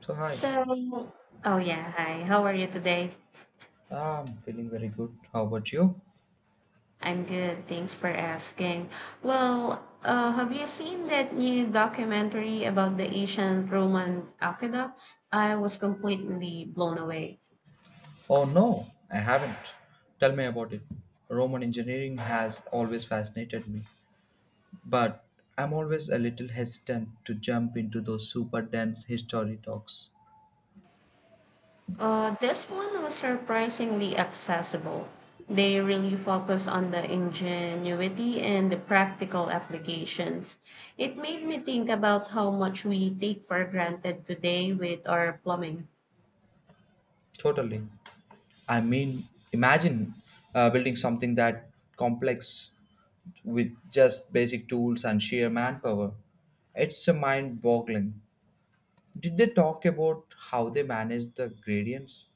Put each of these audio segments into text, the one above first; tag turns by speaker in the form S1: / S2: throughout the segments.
S1: So hi,
S2: So, oh yeah, hi. How are you today?
S1: I'm feeling very good. How about you?
S2: I'm good. Thanks for asking. Well, have you seen that new documentary about the ancient Roman aqueducts? I was completely blown away.
S1: Oh no, I haven't. Tell me about it. Roman engineering has always fascinated me, but I'm always a little hesitant to jump into those super dense history talks.
S2: This one was surprisingly accessible. They really focus on the ingenuity and the practical applications. It made me think about how much we take for granted today with our plumbing.
S1: Totally. I mean, imagine building something that complex with just basic tools and sheer manpower. It's a mind boggling. Did they talk about how they manage the gradients?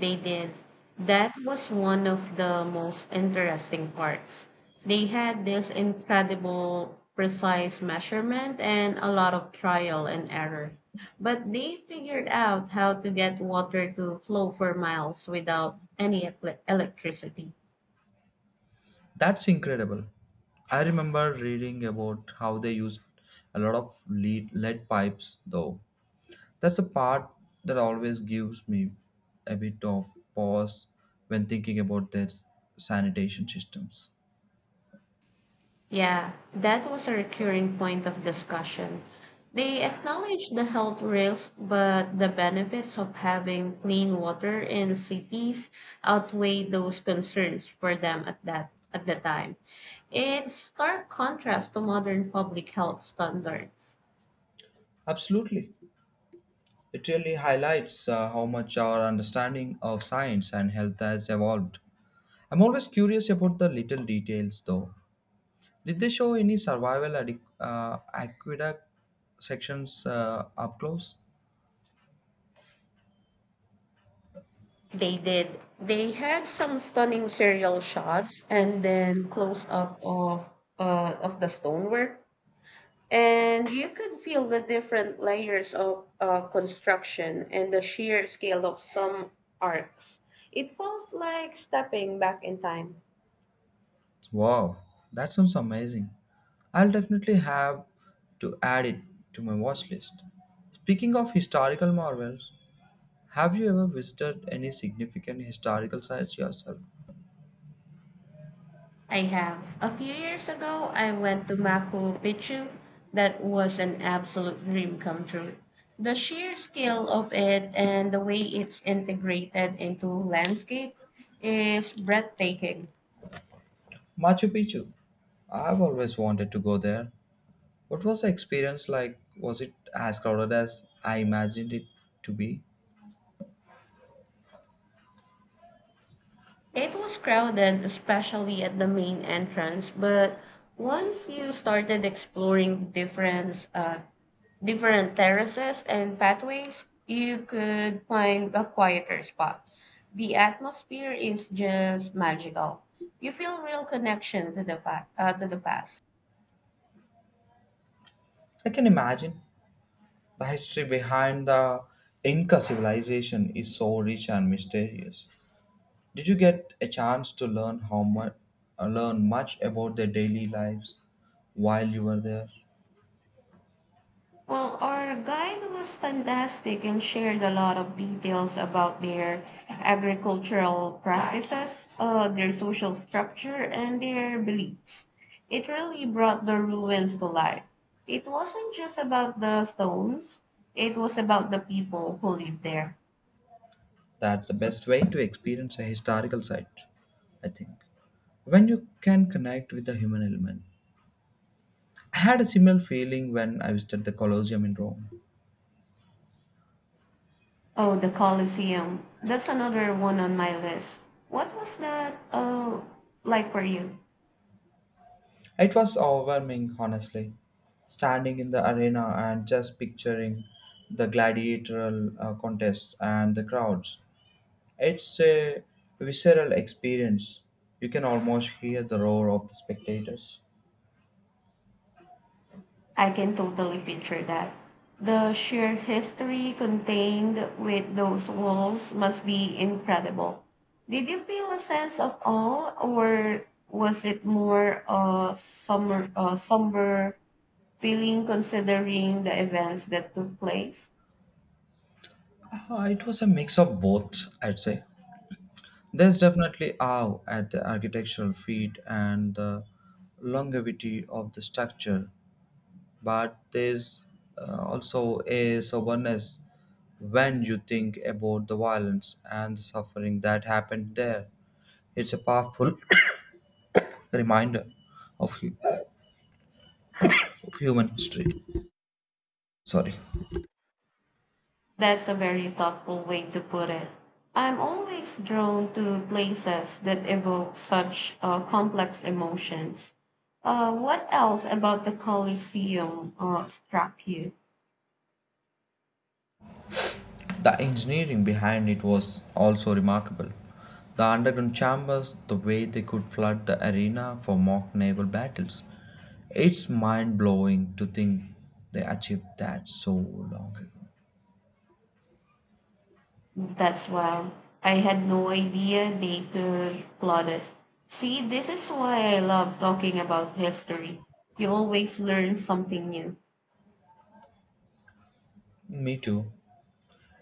S2: They did. That was one of the most interesting parts. They had this incredible precise measurement and a lot of trial and error. But they figured out how to get water to flow for miles without any electricity.
S1: That's incredible. I remember reading about how they used a lot of lead pipes, though. That's a part that always gives me a bit of pause when thinking about their sanitation systems.
S2: Yeah, that was a recurring point of discussion. They acknowledge the health risks, but the benefits of having clean water in cities outweigh those concerns for them at the time. It's stark contrast to modern public health standards.
S1: Absolutely. It really highlights how much our understanding of science and health has evolved. I'm always curious about the little details, though. Did they show any aqueduct sections up close?
S2: They did. They had some stunning serial shots and then close up of the stonework. And you could feel the different layers of construction and the sheer scale of some arcs. It felt like stepping back in time.
S1: Wow, that sounds amazing. I'll definitely have to add it to my watch list. Speaking of historical marvels, have you ever visited any significant historical sites yourself?
S2: I have. A few years ago, I went to Machu Picchu. That was an absolute dream come true. The sheer scale of it and the way it's integrated into landscape is breathtaking.
S1: Machu Picchu. I've always wanted to go there. What was the experience like? Was it as crowded as I imagined it to be?
S2: It was crowded, especially at the main entrance, but once you started exploring different terraces and pathways, you could find a quieter spot. The atmosphere is just magical. You feel real connection to the to the past.
S1: I can imagine. The history behind the Inca civilization is so rich and mysterious. Did you get a chance to learn much about their daily lives while you were there?
S2: Well, our guide was fantastic and shared a lot of details about their agricultural practices, their social structure, and their beliefs. It really brought the ruins to life. It wasn't just about the stones, it was about the people who lived there.
S1: That's the best way to experience a historical site, I think, when you can connect with the human element. I had a similar feeling when I visited the Colosseum in Rome.
S2: Oh, the Colosseum. That's another one on my list. What was that like for you?
S1: It was overwhelming, honestly. Standing in the arena and just picturing the gladiatorial contest and the crowds, it's a visceral experience. You can almost hear the roar of the spectators.
S2: I can totally picture that. The sheer history contained with those walls must be incredible. Did you feel a sense of awe, or was it more a somber feeling considering the events that took place?
S1: It was a mix of both, I'd say. There's definitely awe at the architectural feat and the longevity of the structure, but there's also a soberness when you think about the violence and the suffering that happened there. It's a powerful reminder of, hu- of human history. Sorry.
S2: That's a very thoughtful way to put it. I'm always drawn to places that evoke such complex emotions. What else about the Colosseum struck you?
S1: The engineering behind it was also remarkable. The underground chambers, the way they could flood the arena for mock naval battles. It's mind blowing to think they achieved that so long ago.
S2: That's wild. I had no idea they could plot it. See, this is why I love talking about history. You always learn something new.
S1: Me too.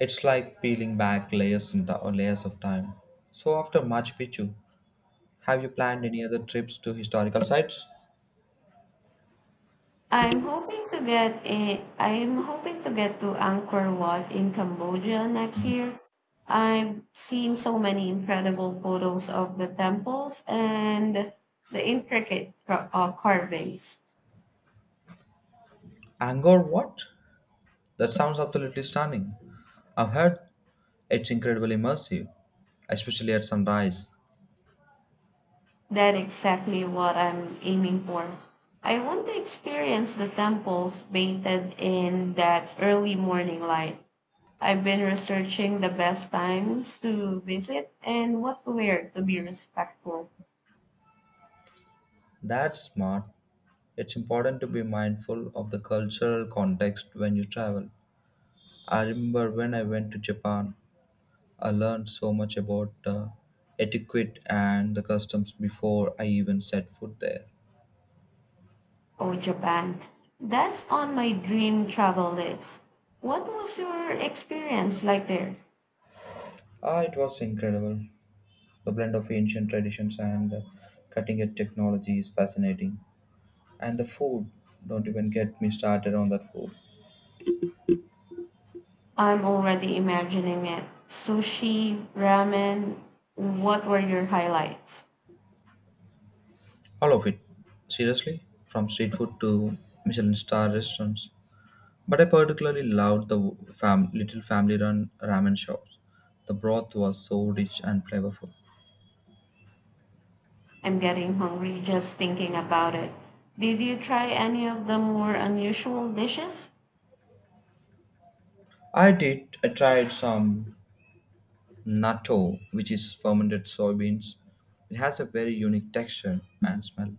S1: It's like peeling back layers or layers of time. So after Machu Picchu, have you planned any other trips to historical sites?
S2: I'm hoping to get to Angkor Wat in Cambodia next year. I've seen so many incredible photos of the temples and the intricate carvings.
S1: Angkor Wat. That sounds absolutely stunning. I've heard it's incredibly immersive, especially at sunrise.
S2: That exactly what I'm aiming for. I want to experience the temples painted in that early morning light. I've been researching the best times to visit and what to wear to be respectful.
S1: That's smart. It's important to be mindful of the cultural context when you travel. I remember when I went to Japan, I learned so much about etiquette and the customs before I even set foot there.
S2: Oh, Japan. That's on my dream travel list. What was your experience like there?
S1: Ah, it was incredible. The blend of ancient traditions and cutting edge technology is fascinating. And the food, don't even get me started on that food.
S2: I'm already imagining it. Sushi, ramen. What were your highlights?
S1: All of it. Seriously? From street food to Michelin star restaurants. But I particularly loved the little family run ramen shops. The broth was so rich and flavorful.
S2: I'm getting hungry just thinking about it. Did you try any of the more unusual dishes?
S1: I did, I tried some natto, which is fermented soybeans. It has a very unique texture and smell.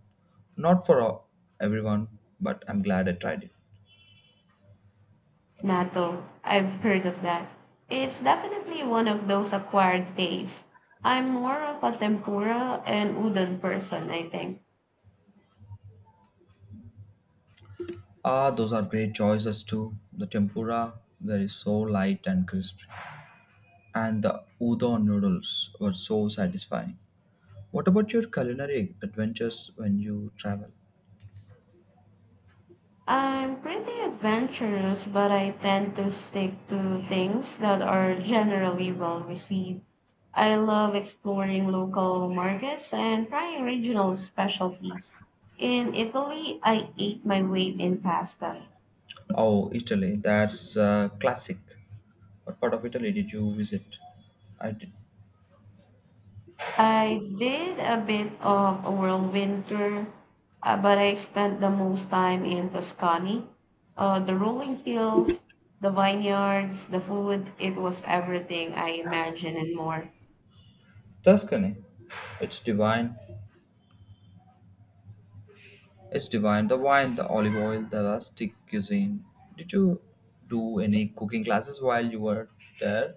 S1: Not for all- everyone, but I'm glad I tried it.
S2: Natto. I've heard of that. It's definitely one of those acquired tastes. I'm more of a tempura and udon person, I think.
S1: Ah, those are great choices too. The tempura, that is so light and crisp. And the udon noodles were so satisfying. What about your culinary adventures when you travel?
S2: I'm pretty adventurous, but I tend to stick to things that are generally well received. I love exploring local markets and trying regional specialties. In Italy, I ate my weight in pasta.
S1: Oh, Italy, that's classic. What part of Italy did you visit? I did
S2: I did a bit of a whirlwind tour, but I spent the most time in Tuscany. The rolling hills, the vineyards, the food, it was everything I imagined and more.
S1: Tuscany. It's divine. It's divine. The wine, the olive oil, the rustic cuisine. Did you do any cooking classes while you were there?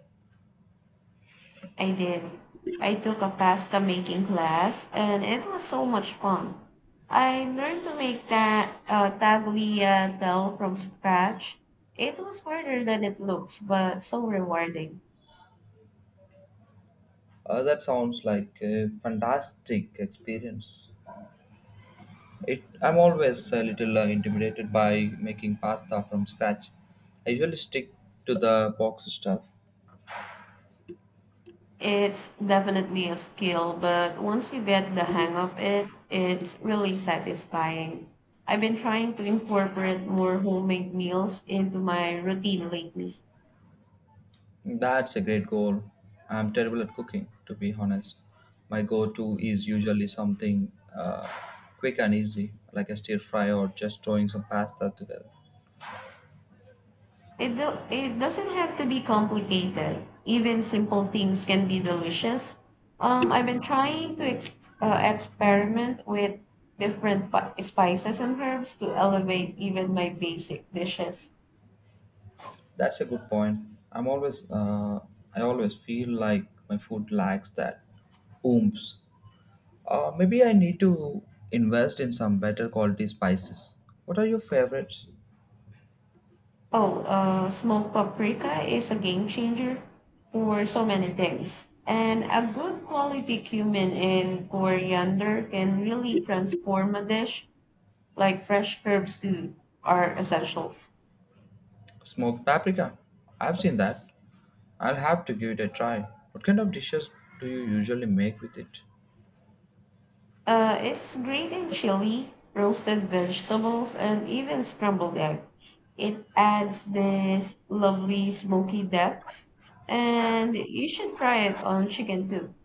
S2: I did. I took a pasta making class and it was so much fun. I learned to make that tagliatelle from scratch. It was harder than it looks, but so rewarding.
S1: That sounds like a fantastic experience. I'm always a little intimidated by making pasta from scratch. I usually stick to the box stuff.
S2: It's definitely a skill, but once you get the hang of it, it's really satisfying. I've been trying to incorporate more homemade meals into my routine lately.
S1: That's a great goal. I'm terrible at cooking, to be honest. My go to is usually something quick and easy, like a stir fry or just throwing some pasta together.
S2: It, do, it doesn't have to be complicated. Even simple things can be delicious. I've been trying to experiment with spices and herbs to elevate even my basic dishes.
S1: That's a good point. I'm always, uh, I always feel like my food lacks that oomph. Maybe I need to invest in some better quality spices. What are your favorites?
S2: Oh, smoked paprika is a game changer for so many things. And a good quality cumin and coriander can really transform a dish, like fresh herbs too are essentials.
S1: Smoked paprika. I've seen that. I'll have to give it a try. What kind of dishes do you usually make with it?
S2: It's great in chili, roasted vegetables, and even scrambled egg. It adds this lovely smoky depth, and you should try it on chicken too.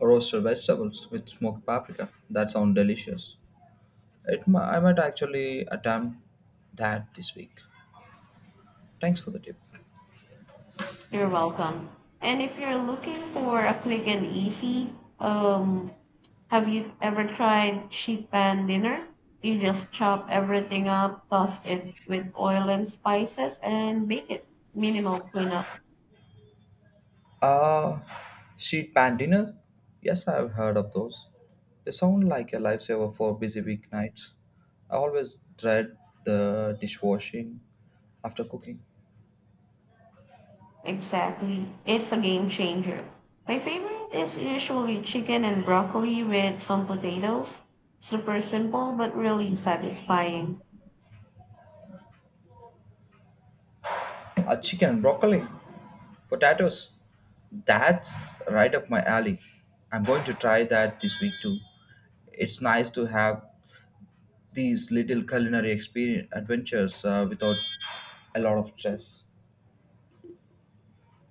S1: Roasted vegetables with smoked paprika. That sounds delicious. I might actually attempt that this week. Thanks for the tip.
S2: You're welcome. And if you're looking for a quick and easy, have you ever tried sheet pan dinner? You just chop everything up, toss it with oil and spices, and bake it. Minimal cleanup.
S1: Uh, Sheet pan dinners? Yes, I've heard of those. They sound like a lifesaver for busy weeknights. I always dread the dishwashing after cooking.
S2: Exactly. It's a game changer. My favorite is usually chicken and broccoli with some potatoes. Super simple but really satisfying.
S1: A chicken, broccoli, potatoes. That's right up my alley. I'm going to try that this week too. It's nice to have these little culinary experience adventures without a lot of stress.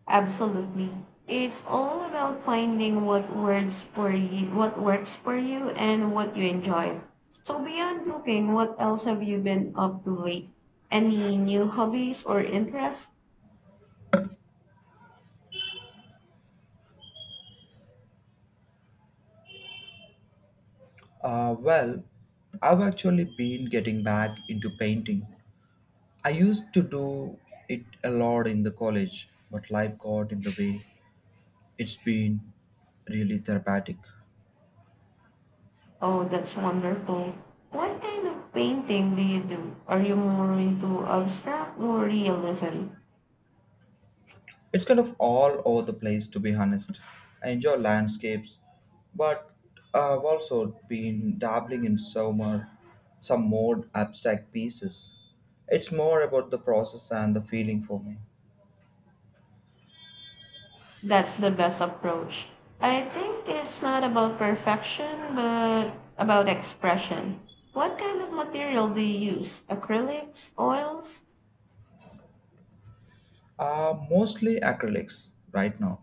S2: Absolutely. It's all about finding what works for you and what you enjoy. So beyond cooking, what else have you been up to lately? Any new hobbies or interests?
S1: Well, I've actually been getting back into painting. I used to do it a lot in the college, but life got in the way. It's been really therapeutic.
S2: Oh, that's wonderful. What kind of painting do you do? Are you more into abstract or realism?
S1: It's kind of all over the place, to be honest. I enjoy landscapes, but I've also been dabbling in some more abstract pieces. It's more about the process and the feeling for me.
S2: That's the best approach. I think it's not about perfection, but about expression. What kind of material do you use? Acrylics, oils?
S1: Mostly acrylics right now.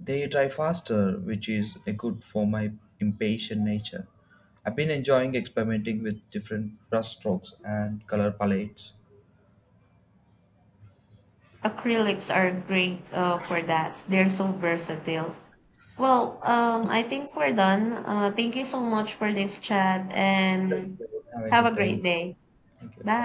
S1: They dry faster, which is a good for my impatient nature. I've been enjoying experimenting with different brush strokes and color palettes.
S2: Acrylics are great for that. They're so versatile. Well, I think we're done. Thank you so much for this chat
S1: Thank
S2: and
S1: you. Have a
S2: have
S1: good
S2: a
S1: day.
S2: great day.
S1: Thank you.
S2: Bye.